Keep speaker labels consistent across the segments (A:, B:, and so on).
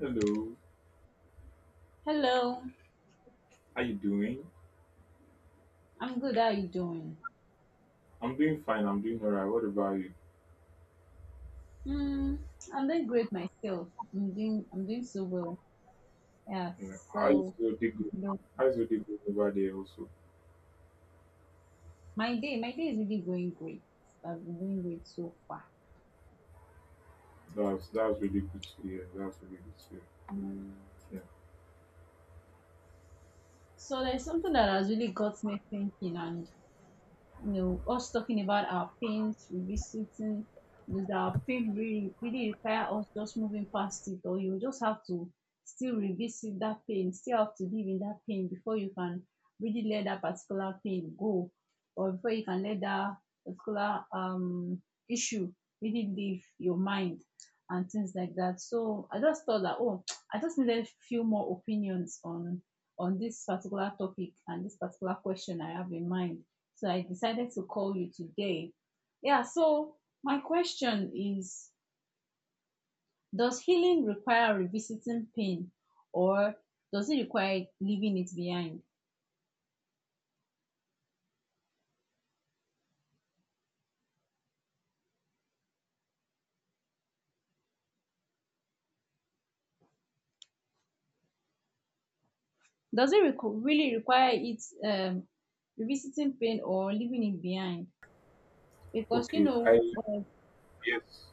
A: Hello,
B: Hello,
A: how you doing?
B: I'm good. How are you doing?
A: I'm doing fine. I'm doing all right. What about you?
B: Hmm, I'm doing great myself. I'm doing so well. Yeah,
A: You know, how is
B: so
A: your day going?
B: you know,
A: How is your day going over there? Also,
B: my day is really going great. I've been doing great so far.
A: that's really good to hear. That's really good to hear.
B: So there's something that has really got me thinking, and you us talking about our pains, revisiting, does our pain really, really require us just moving past it, or you just have to still revisit that pain, still have to live in that pain before you can really let that particular pain go, or before you can let that particular issue really leave your mind and things like that. So I just thought that oh, I just needed a few more opinions on this particular topic and this particular question I have in mind. So I decided to call you today. Yeah, so my question is, does healing require revisiting pain or does it require leaving it behind? Does it really require it, revisiting pain or leaving it behind?
A: Yeah.
B: Because,
A: Okay. I yes,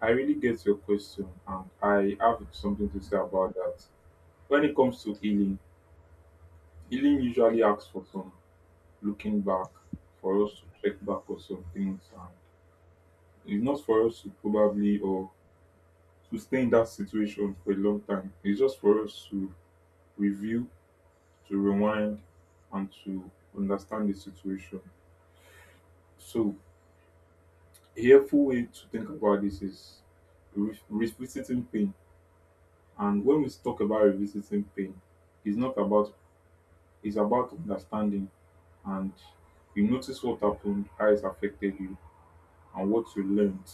A: I really get your question, and I have something to say about that. When it comes to healing, healing usually asks for some looking back, for us to check back on some things, and it's not for us to probably or to stay in that situation for a long time. It's just for us to review, to rewind, and to understand the situation. So, a helpful way to think about this is revisiting pain. And when we talk about revisiting pain, it's not about it's about understanding, and you notice what happened, how it affected you, and what you learned.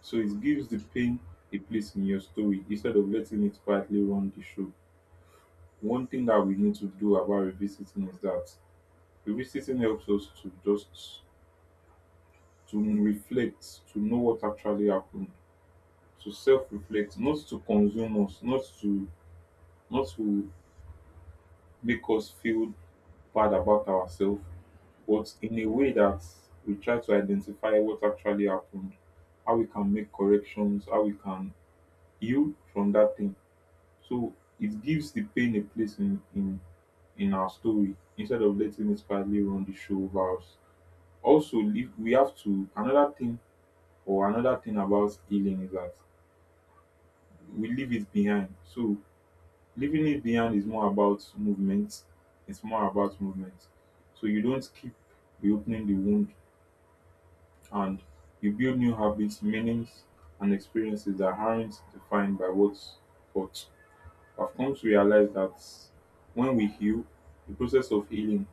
A: So it gives the pain a place in your story instead of letting it quietly run the show. One thing that we need to do about revisiting is that revisiting helps us to just to reflect, to know what actually happened, to self-reflect, not to consume us, not to make us feel bad about ourselves, but in a way that we try to identify what actually happened, how we can make corrections, how we can heal from that thing. So it gives the pain a place in our story instead of letting it quietly run the show over us. Also, if we have to another thing or another thing about healing is that we leave it behind. So leaving it behind is more about movement. It's more about movement. So you don't keep reopening the wound, and you build new habits, meanings, and experiences that aren't defined by what. I've come to realize that when we heal, the process of healing,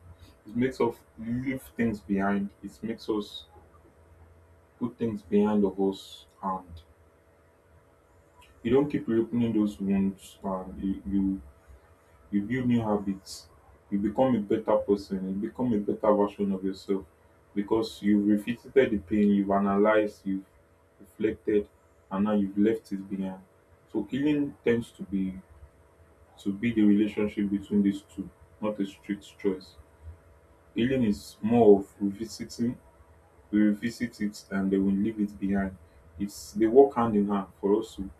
A: it makes us leave things behind. It makes us put things behind of us, and you don't keep reopening those wounds, and you you build new habits, you become a better person, you become a better version of yourself, because you've revisited the pain, you've analyzed, you've reflected, and now you've left it behind. So healing tends to be the relationship between these two, not a strict choice. Healing is more of revisiting. We revisit it, and then we leave it behind. It's they work hand in hand for us to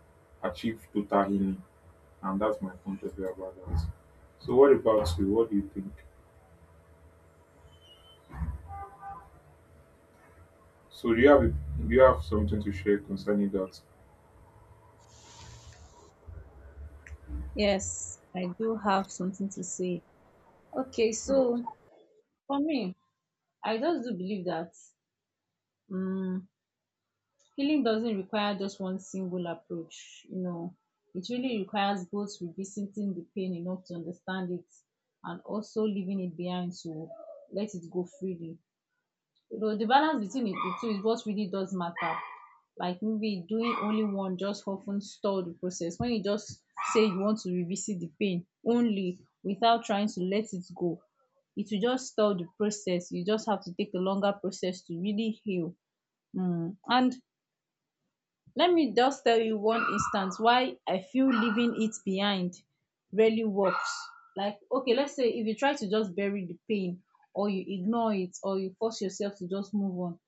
A: achieve total healing, and that's my point of view about that. So what about you? What do you think? So do you have something to share concerning that?
B: yes, I do have something to say. Okay,
A: Um,
B: so for me, I just do believe that mm healing doesn't require just one single approach. It really requires both revisiting the pain enough to understand it, and also leaving it behind to let it go freely. The balance between the two is what really does matter. Like, maybe doing only one just often stall the process. When you just say you want to revisit the pain only without trying to let it go, it will just stall the process. You just have to take a longer process to really heal. And let me just tell you one instance why I feel leaving it behind really works. Like, okay, let's say if you try to just bury the pain, or you ignore it, or you force yourself to just move on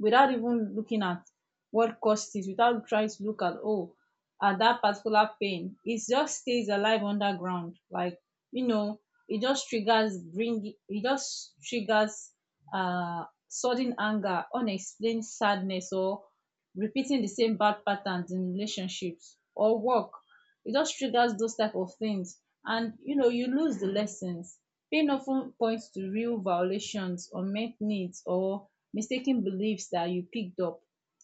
B: without even looking at what caused it, without trying to look at, oh, at that particular pain, it just stays alive underground. Like, you know it just triggers sudden anger, unexplained sadness, or repeating the same bad patterns in relationships or work. It just triggers those type of things, and you know, you lose the lessons. Pain often points to real violations, unmet needs, or mistaken beliefs that you picked up,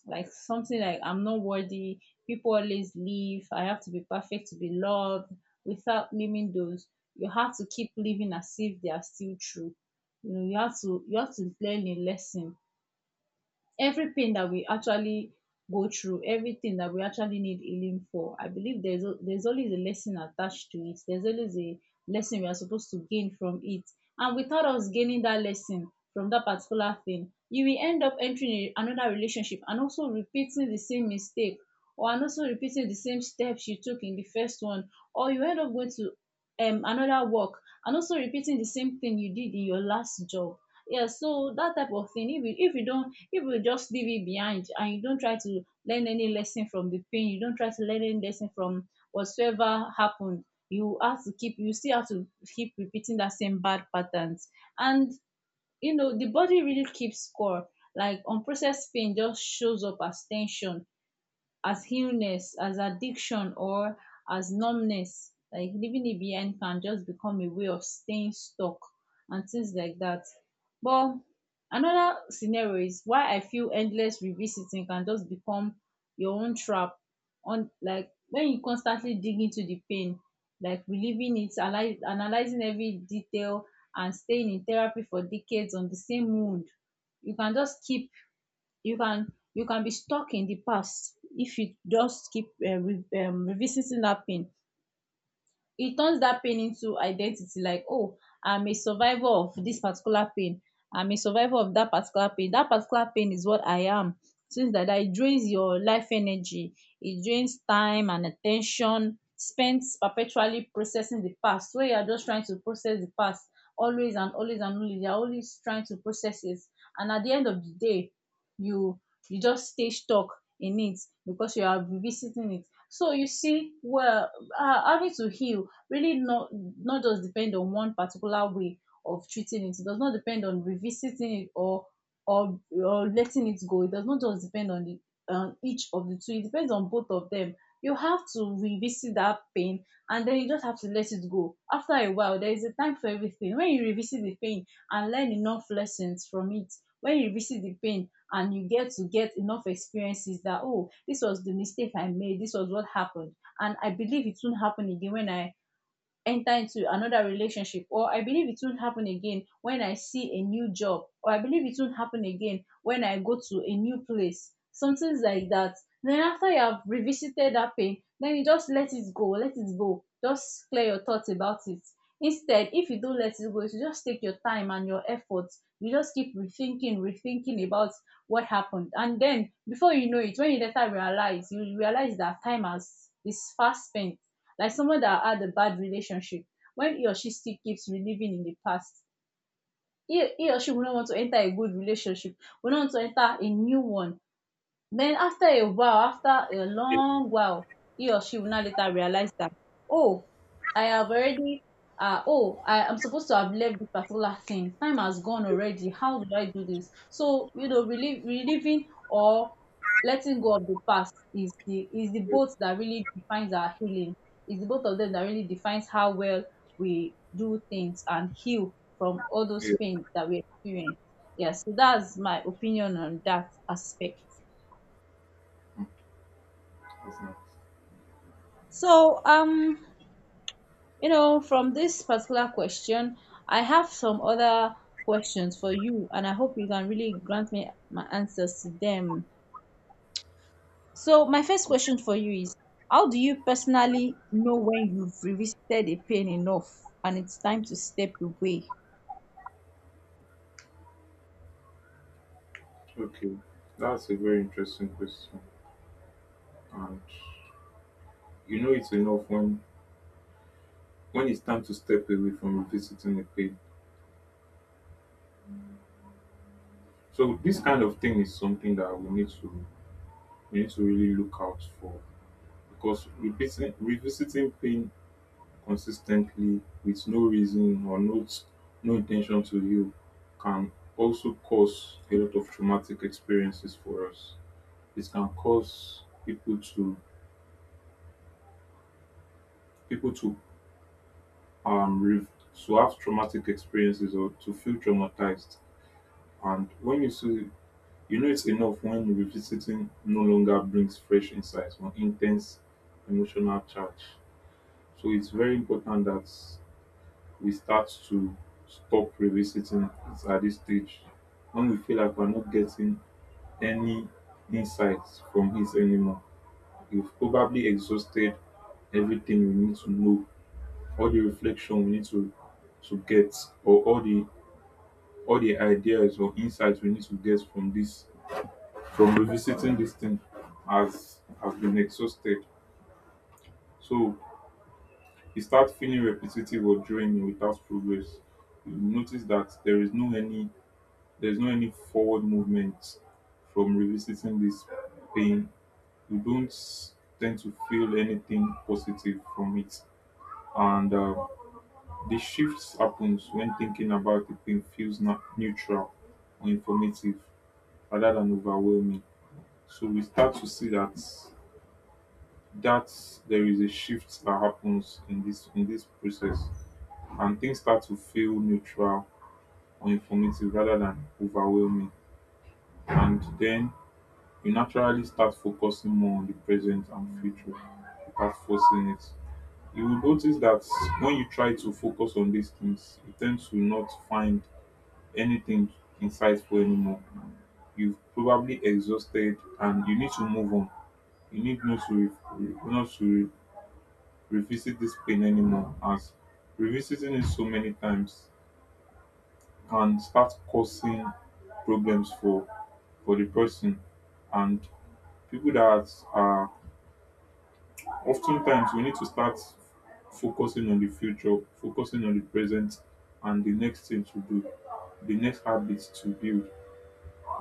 B: like something like, I'm not worthy, people always leave, I have to be perfect to be loved. Without naming those, you have to keep living as if they are still true. You know, you have to learn a lesson. Every pain that we actually go through, everything that we actually need healing for, I believe there's always a lesson attached to it. There's always a lesson we are supposed to gain from it. And without us gaining that lesson from that particular thing, you will end up entering another relationship and also repeating the same mistake, or and also repeating the same steps you took in the first one, or you end up going to another work and also repeating the same thing you did in your last job. Yeah, so that type of thing, if you don't if you just leave it behind and you don't try to learn any lesson from the pain, you don't try to learn any lesson from whatsoever happened, you still have to keep repeating that same bad patterns. And you know, the body really keeps score. Like, unprocessed pain just shows up as tension, as illness, as addiction, or as numbness. Like, leaving it behind can just become a way of staying stuck and things like that. But another scenario is why I feel endless revisiting can just become your own trap. On Like, when you constantly dig into the pain, like reliving it, analyzing every detail, and staying in therapy for decades on the same wound, you can just keep you can you can be stuck in the past if you just keep revisiting that pain. It turns that pain into identity, like, oh, I'm a survivor of this particular pain, I'm a survivor of that particular pain, that particular pain is what I am. Since like that, it drains your life energy, it drains time and attention spent perpetually processing the past, where you are just trying to process the past always and always and always. You are always trying to process it, and at the end of the day, you you just stay stuck in it because you are revisiting it. So you see, well, having to heal really not just depend on one particular way of treating it. It does not depend on revisiting it, or or letting it go. It does not just depend on the on each of the two. It depends on both of them. You have to revisit that pain and then you just have to let it go. After a while, there is a time for everything. When you revisit the pain and learn enough lessons from it, when you revisit the pain and you get to get enough experiences that, oh, this was the mistake I made, this was what happened, and I believe it won't happen again when I enter into another relationship, or I believe it won't happen again when I see a new job, or I believe it won't happen again when I go to a new place, something like that. Then after you have revisited that pain, then you just let it go, let it go, just clear your thoughts about it. Instead, if you don't let it go, you just take your time and your efforts, you just keep rethinking, rethinking about what happened, and then before you know it, when you realize that time has is fast spent. Like someone that had a bad relationship, when he or she still keeps reliving in the past, he or she will not want to enter a good relationship, will not want to enter a new one. Then after a while, after a
A: Yes,
B: long while, he or she will now later realize that, oh, I have already, oh, I am supposed to have left this particular thing. Time has gone
A: yes,
B: already. How do I do this? So, you know, relieving or letting go of the past is the both that really defines our healing. It's the both of them that really defines how well we do things and heal from all those
A: yes,
B: pains that we experience. Yes, so that's my opinion on that aspect.
A: yes, yes.
B: So, from this particular question, I have some other questions for you, and I hope you can really grant me my answers to them. So, my first question for you is, how do you personally know when you've revisited a pain enough and it's time to step away?
A: Okay, that's a very interesting question, and you know it's enough when it's time to step away from revisiting the pain. So this kind of thing is something that we need to really look out for, because revisiting pain consistently with no reason or no intention to heal can also cause a lot of traumatic experiences for us. It can cause people um re- to have traumatic experiences or to feel traumatized. And when you see, you know it's enough when revisiting no longer brings fresh insights or intense emotional charge. So it's very important that we start to stop revisiting it at this stage, when we feel like we're not getting any insights from it anymore. We've probably exhausted everything we need to know, all the reflection we need to get, or all the ideas or insights we need to get from this from revisiting this thing has been exhausted. So you start feeling repetitive or draining without progress. You notice that there's no any forward movement from revisiting this pain. You don't tend to feel anything positive from it. And the shift happens when thinking about the pain feels not neutral or informative rather than overwhelming. So we start to see that that there is a shift that happens in this process, and things start to feel neutral or informative rather than overwhelming. And then you naturally start focusing more on the present and future without forcing it. You will notice that when you try to focus on these things, you tend to not find anything insightful anymore. You've probably exhausted and you need to move on. You need not to revisit this pain anymore, as revisiting it so many times can start causing problems for the person. And people that are oftentimes, we need to start focusing on the future, focusing on the present, and the next thing to do, the next habits to build,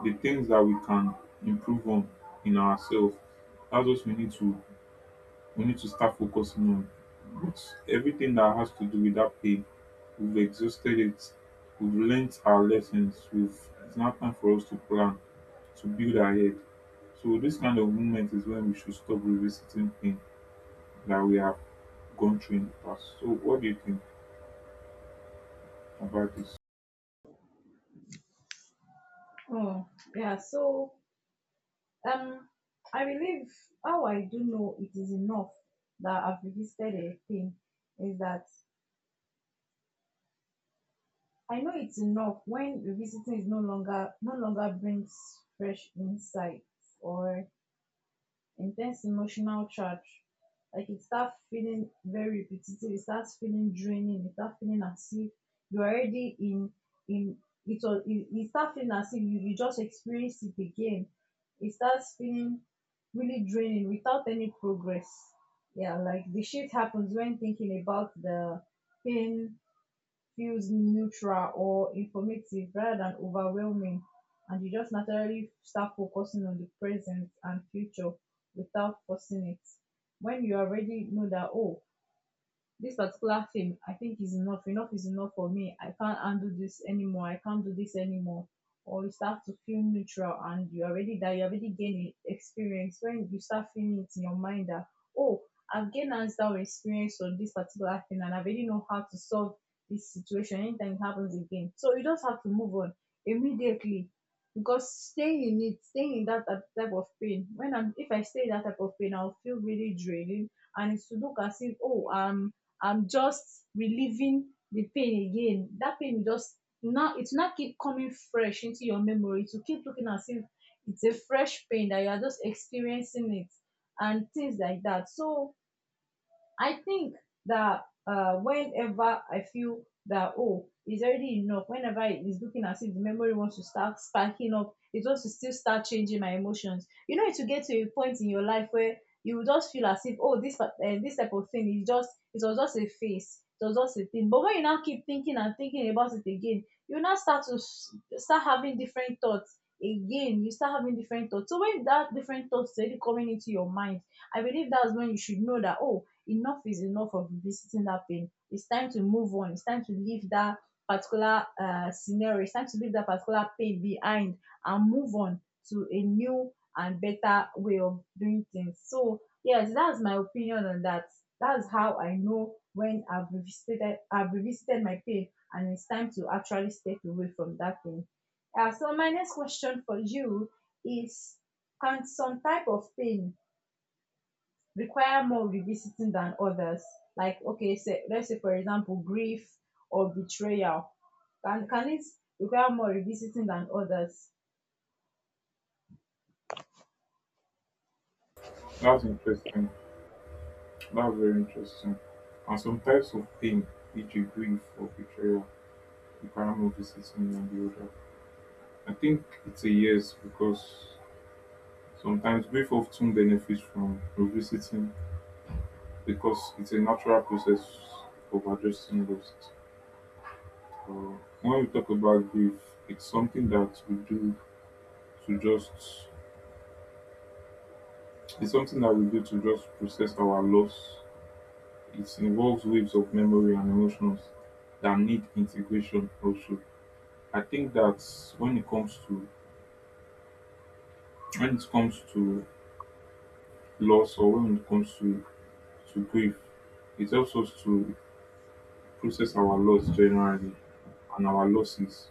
A: the things that we can improve on in ourselves. That's what we need to start focusing on. But everything that has to do with that pain, we've exhausted it. We've learnt our lessons. We've It's now time for us to plan, to build ahead. So this kind of moment is when we should stop revisiting pain that we have gone through in the past. So, what do you think about this?
B: Oh, yeah. So, um, I believe how I do know it is enough that I've revisited a pain is that I know it's enough when revisiting is no longer brings fresh insights or intense emotional charge. Like, it starts feeling very repetitive, it starts feeling draining, it starts feeling as if you're already in, it starts feeling as if you just experienced it again. It starts feeling really draining without any progress. Yeah, like the shift happens when thinking about the pain feels neutral or informative rather than overwhelming. And you just naturally start focusing on the present and future without forcing it. When you already know that, oh, this particular thing, I think is enough, enough is enough for me, I can't handle this anymore, I can't do this anymore. Or you start to feel neutral, and you already that you already gained experience. When you start feeling it in your mind that, oh, I've gained hands-down experience on this particular thing, and I already know how to solve this situation anytime it happens again, so you just have to move on immediately. Because staying in that type of pain, when I'm if I stay in that type of pain, I'll feel really draining. And it's to look as if, oh, I'm just relieving the pain again. That pain will just Now it will not keep coming fresh into your memory. It will keep looking as if it's a fresh pain that you are just experiencing it, and things like that. So I think that, whenever I feel that, oh, it's already enough. Whenever it's looking as if the memory wants to start sparking up, it wants to still start changing my emotions. You know, it will get to a point in your life where you will just feel as if, oh, this type of thing is just it was just a phase. It was just a thing. But when you now keep thinking and thinking about it again, you now start to start having different thoughts again. You start having different thoughts. So when that different thoughts is already coming into your mind, I believe that's when you should know that oh, enough is enough of visiting that pain. It's time to move on. It's time to leave that particular scenario. It's time to leave that particular pain behind and move on to a new and better way of doing things. So, yes, that's my opinion on that. That's how I know when I've revisited my pain and it's time to actually step away from that pain. So, my next question for you is: can some type of pain require more revisiting than others? Like okay, say let's say for example grief or betrayal. Can it require more revisiting than others?
A: That's interesting. That's very interesting. And some types of pain, which you grieve for betrayal, you cannot move this system and the other. I think it's a yes, because sometimes grief often benefits from revisiting because it's a natural process of addressing loss. Uh, when we talk about grief, it's something that we do to just, it's something that we do to just process our loss. It involves waves of memory and emotions that need integration also. I think that when it comes to when it comes to loss, or when it comes to grief, it helps us to process our loss generally and our losses,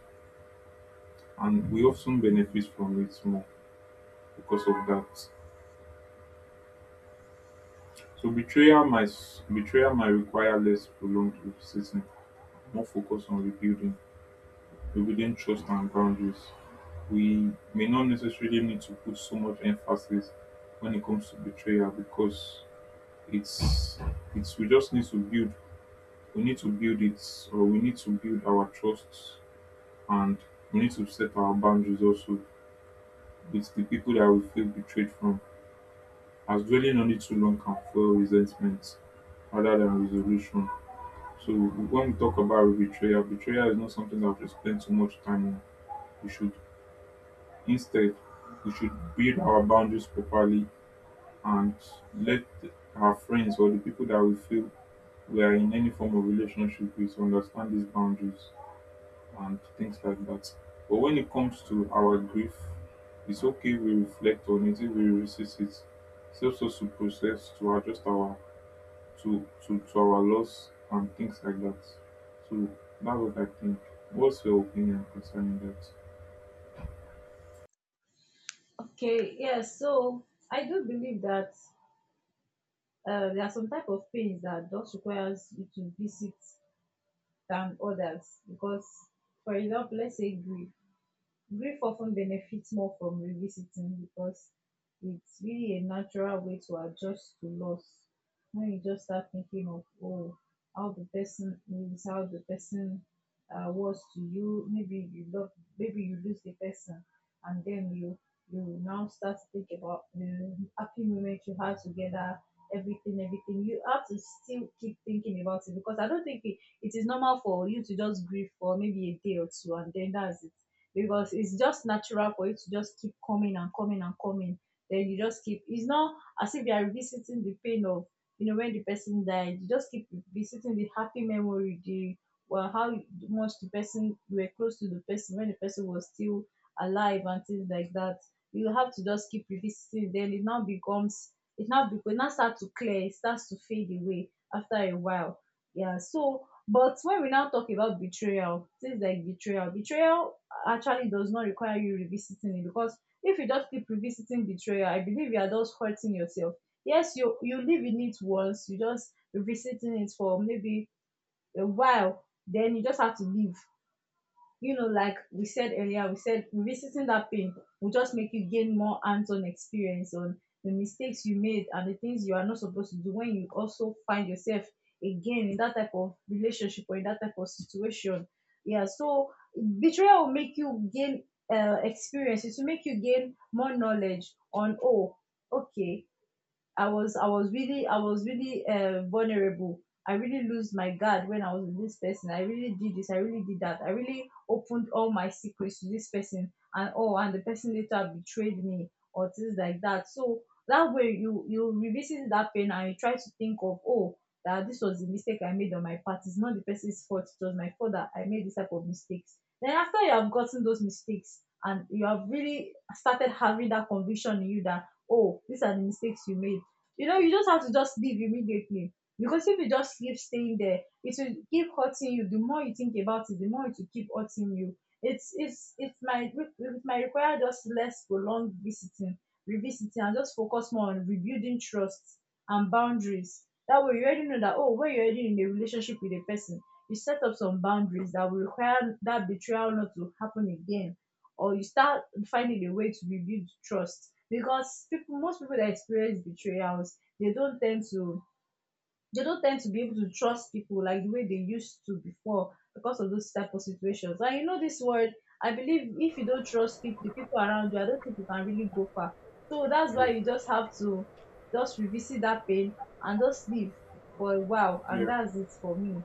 A: and we often benefit from it more because of that. So betrayal might require less prolonged repositioning, more focus on rebuilding, rebuilding trust and boundaries. We may not necessarily need to put so much emphasis when it comes to betrayal, because it's it's we just need to build, we need to build it we need to build our trust, and we need to set our boundaries also with the people that we feel betrayed from, as dwelling on it too long can fuel resentment rather than resolution. So when we talk about betrayal, betrayal is not something that we should spend too much time on. We should instead we should build our boundaries properly and let our friends or the people that we feel we are in any form of relationship with understand these boundaries and things like that. But when it comes to our grief, it's okay we reflect on it, if we resist it. It's also to process, to adjust our to our loss and things like that. So that's what I think. What's your opinion concerning that?
B: Okay, yes. So I do believe that there are some type of pains that just requires you to visit than others because, for example, let's say grief. Grief often benefits more from revisiting because it's really a natural way to adjust to loss. When you just start thinking of oh, how the person how the person was to you, maybe you love, maybe you lose the person, and then you now start to think about the happy moment you had together, everything, everything. You have to still keep thinking about it, because I don't think it is normal for you to just grieve for maybe a day or two and then that's it, because it's just natural for it to just keep coming and coming and coming. Then you just keep. It's not as if you are revisiting the pain of, you know, when the person died. You just keep revisiting the happy memory, the well how much the person, you were close to the person when the person was still alive and things like that. You have to just keep revisiting. Then it now becomes, it now start to clear. It starts to fade away after a while. Yeah. So but when we now talk about betrayal, things like betrayal, betrayal actually does not require you revisiting it, because if you just keep revisiting betrayal, I believe you are just hurting yourself. Yes, you live in it once, you just revisiting it for maybe a while, then you just have to leave. You know, like we said earlier, we said revisiting that pain will just make you gain more hands-on experience on the mistakes you made and the things you are not supposed to do when you also find yourself again in that type of relationship or in that type of situation. Yeah, so betrayal will make you gain experience. It will make you gain more knowledge on oh, okay, I was really vulnerable. I really lose my guard when I was with this person. I really did this. I really did that. I really opened all my secrets to this person, and oh, and the person later betrayed me or things like that. So that way, you revisit that pain and you try to think of oh, that this was the mistake I made on my part. It's not the person's fault. It was my fault that I made this type of mistakes. Then after you have gotten those mistakes and you have really started having that conviction in you that oh, these are the mistakes you made, you know, you just have to just leave immediately. Because if you just keep staying there, it will keep hurting you. The more you think about it, the more it will keep hurting you. It's it might require just less prolonged visiting, revisiting, and just focus more on rebuilding trust and boundaries. That way, you already know that oh, when you're already in a relationship with a person, you set up some boundaries that will require that betrayal not to happen again, or you start finding a way to rebuild trust, because people, most people that experience betrayals, they don't tend to be able to trust people like the way they used to before because of those type of situations. And you know this word, I believe if you don't trust people, the people around you, I don't think you can really go far. So that's why
A: Yes.
B: you just have to just revisit that pain and just live for a while, and
A: Yeah.
B: that's it for me.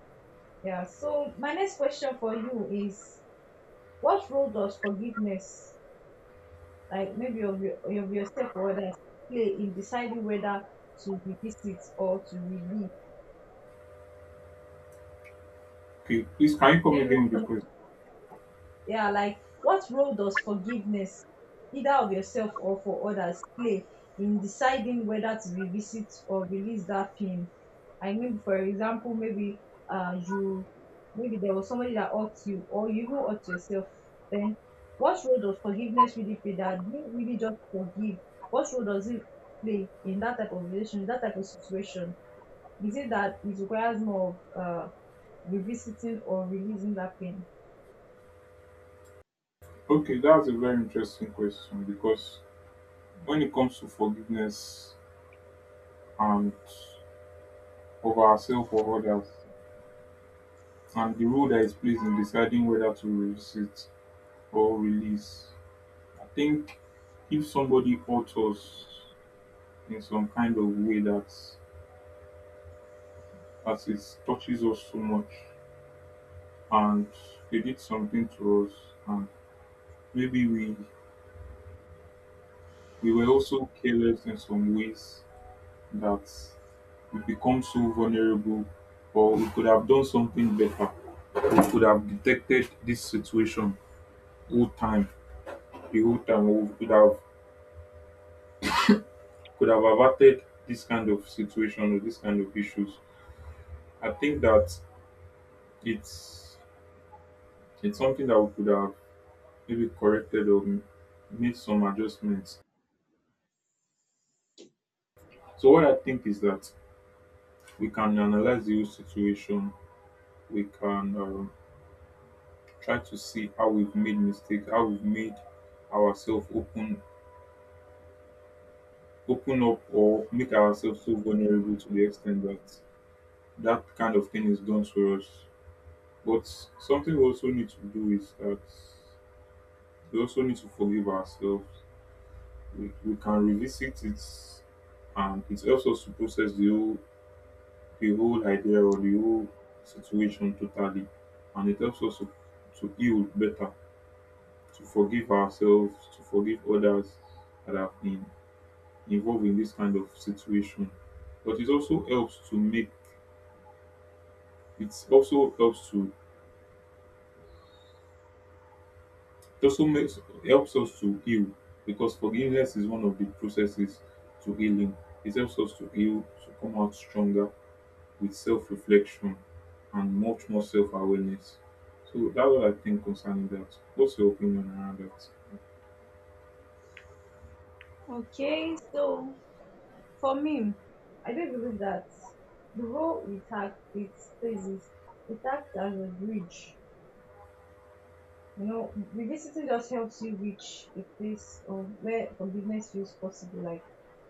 B: Yeah, so my next question for you is: what role does forgiveness, like maybe of your, of yourself or others, play in deciding whether to revisit or to relive?
A: Okay. Please can you come
B: Maybe,
A: again with the question?
B: yeah, like what role does forgiveness, either of yourself or for others, play in deciding whether to revisit or release that pain? I mean for example maybe you, maybe there was somebody that hurt you or you even hurt yourself, then what role does forgiveness really play, that you really just forgive? What role does it play in that type of relation, that type of situation? Is it that it requires more of revisiting or releasing that pain?
A: Okay, that's a very interesting question, because when it comes to forgiveness and of ourselves or others, and the role that is plays in deciding whether to release it or release. I think if somebody hurts us in some kind of way that as it touches us so much, and they did something to us, and maybe we were also careless in some ways, that we become so vulnerable, or we could have done something better, we could have detected this situation whole time the whole time, we could have averted this kind of situation or this kind of issues. I think that it's it's something that we could have maybe corrected or made some adjustments. So what I think is that we can analyze the whole situation, we can try to see how we've made mistakes, how we've made ourselves open, open up or make ourselves so vulnerable to the extent that that kind of thing is done to us. But something we also need to do is that we also need to forgive ourselves. We can revisit it, and it helps us to process the whole idea or the whole situation totally, and it helps us to heal better, to forgive ourselves, to forgive others that have been involved in this kind of situation. But it also helps to make it also helps to It also makes helps us to heal, because forgiveness is one of the processes to healing. It helps us to heal, to come out stronger with self reflection and much more self awareness. So that's what I think concerning that. What's your opinion around that?
B: Okay, so for me, I do believe that the role it has, it plays, is it acts as a bridge. You know, revisiting just helps you reach a place of where forgiveness feels possible. Like,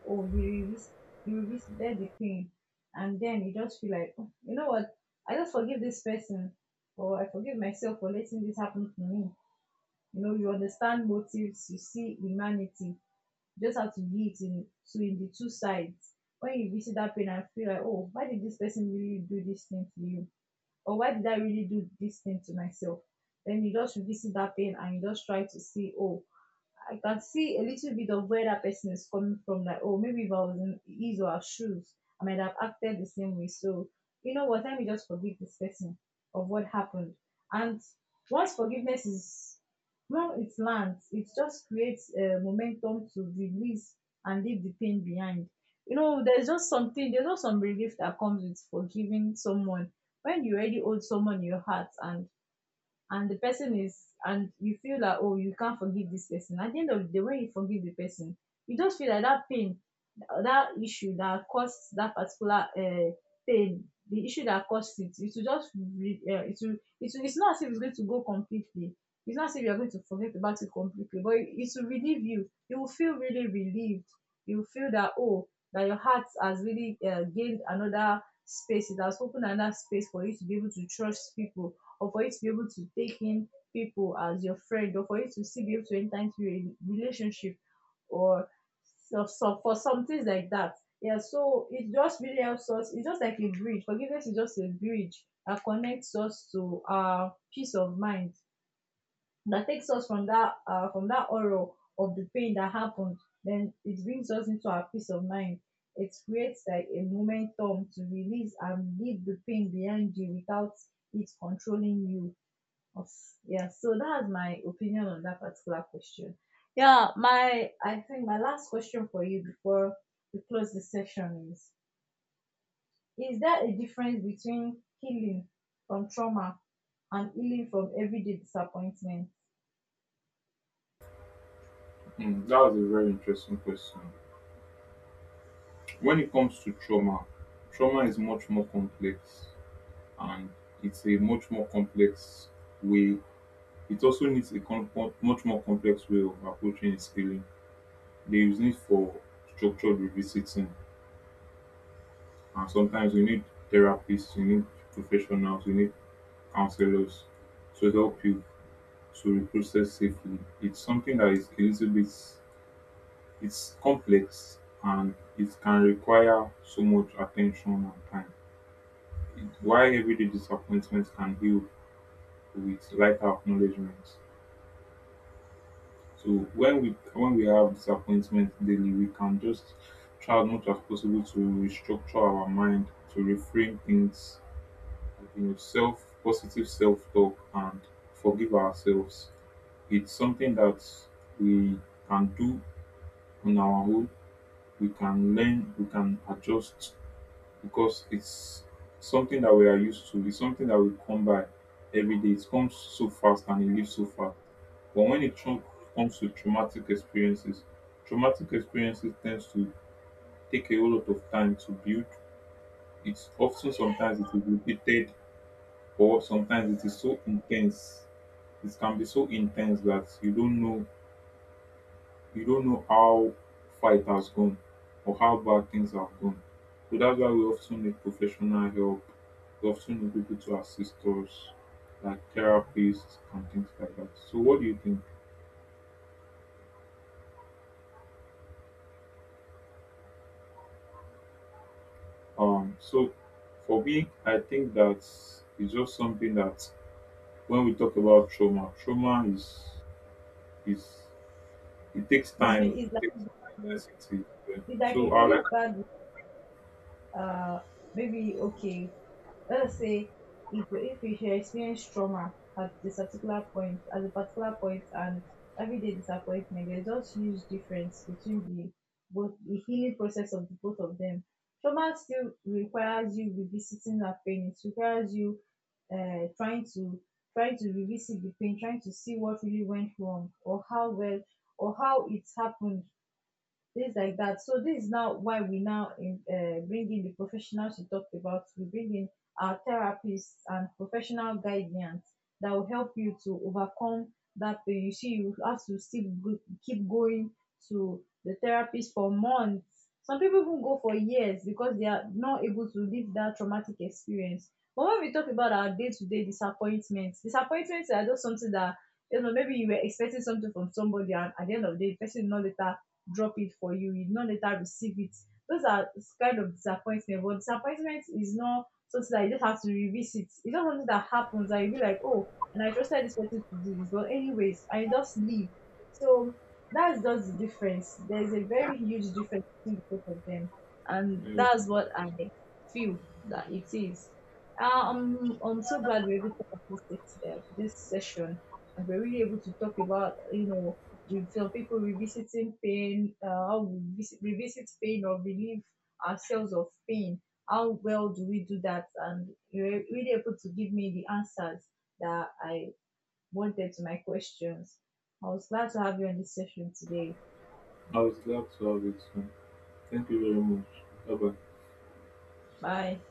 B: oh, you revisited the pain, and then you just feel like, oh, you know what? I just forgive this person, or I forgive myself for letting this happen to me. You know, you understand motives, you see humanity, you just have to be it in two, in the two sides. When you visit that pain and feel like, oh, why did this person really do this thing to you? Or why did I really do this thing to myself? Then you just revisit that pain and you just try to see, oh, I can see a little bit of where that person is coming from. Like, oh, maybe if I was in his or her shoes, I might have acted the same way. So, you know what? Let me just forgive this person of what happened. And once forgiveness is, well, it lands, it just creates a momentum to release and leave the pain behind. You know, there's just something, there's just some relief that comes with forgiving someone. When you already hold someone in your heart, and the person is, and you feel like oh, you can't forgive this person, at the end of the day when you forgive the person, you just feel like that pain, that issue that caused that particular pain, the issue that caused it, it will, it will, it's not as if it's going to go completely, it's not as if you're going to forget about it completely, but it will relieve you. You will feel really relieved. You will feel that oh, that your heart has really gained another space, it has opened another space for you to be able to trust people, or for you to be able to take in people as your friend, or for you to still be able to enter into a relationship, or so for some things like that. Yeah, so it just really helps us. It's just like a bridge. Forgiveness is just a bridge that connects us to our peace of mind, that takes us from that horror of the pain that happened. Then it brings us into our peace of mind. It creates like a momentum to release and leave the pain behind you without it controlling you. Of, yeah, so that's my opinion on that particular question. Yeah, my, I think my last question for you before we close the session is: is there a difference between healing from trauma and healing from everyday disappointment?
A: Mm, that was a very interesting question. When it comes to trauma, trauma is much more complex, and it's a much more complex way. It also needs a much more complex way of approaching its healing. There is need for structured revisiting, and sometimes we need therapists, we need professionals, we need counselors to help you to reprocess safely. It's something that is a little bit it's complex, and it can require so much attention and time. It- Why everyday disappointments can heal with lighter acknowledgement. So when we have disappointment daily, we can just try as much as possible to restructure our mind, to reframe things, you know, self positive self talk, and forgive ourselves. It's something that we can do on our own. We can learn, we can adjust, because it's something that we are used to. It's something that we come by every day. It comes so fast and it leaves so fast. But when comes to traumatic experiences tends to take a whole lot of time to build. It's often sometimes it is repeated, or sometimes it is so intense. It can be so intense that you don't know how far it has gone or how bad things have gone. So that's why we often need professional help. We often need people to assist us, like therapists and things like that. So what do you think? So for me, I think that it's just something that when we talk about trauma, trauma is it takes
B: It's,
A: time.
B: be- it's, like,
A: It takes time. Yes, it is. Yeah.
B: it's like a
A: So I
B: really
A: like
B: bad uh maybe, okay, let's say if you should experience trauma at this particular point, at a particular point, and everyday disappointment, there's just huge difference between the healing process of the both of them. Trauma still requires you revisiting that pain. It requires you uh trying to trying to revisit the pain, trying to see what really went wrong, or how well or how it happened, things like that. So this is now why we now bring in the professionals we talked about. We bring in our therapists and professional guidance that will help you to overcome that pain. You see, you have to still go, keep going to the therapist for months. Some people even go for years because they are not able to live that traumatic experience. But when we talk about our day-to-day disappointments, disappointments are just something that, you know, maybe you were expecting something from somebody and at the end of the day the person is not later drop it for you, you no later receive it. Those are kind of disappointment. But disappointment is not something that you just have to revisit. It's not something that happens that you be like, oh, and I trusted this person to do this, but anyways, I just leave. So that's just the difference. There's a very huge difference between both of them, and
A: uh,
B: that's what I feel that it is. Ah, I'm so glad we're able to have this, this session, and we're really able to talk about, you know, some people revisiting pain, how we visit, revisit pain or relieve ourselves of pain. How well do we do that? And you're really able to give me the answers that I wanted to my questions. I was glad to have you on this session today.
A: I would love to have it soon. Thank you very much. Bye bye.
B: Bye.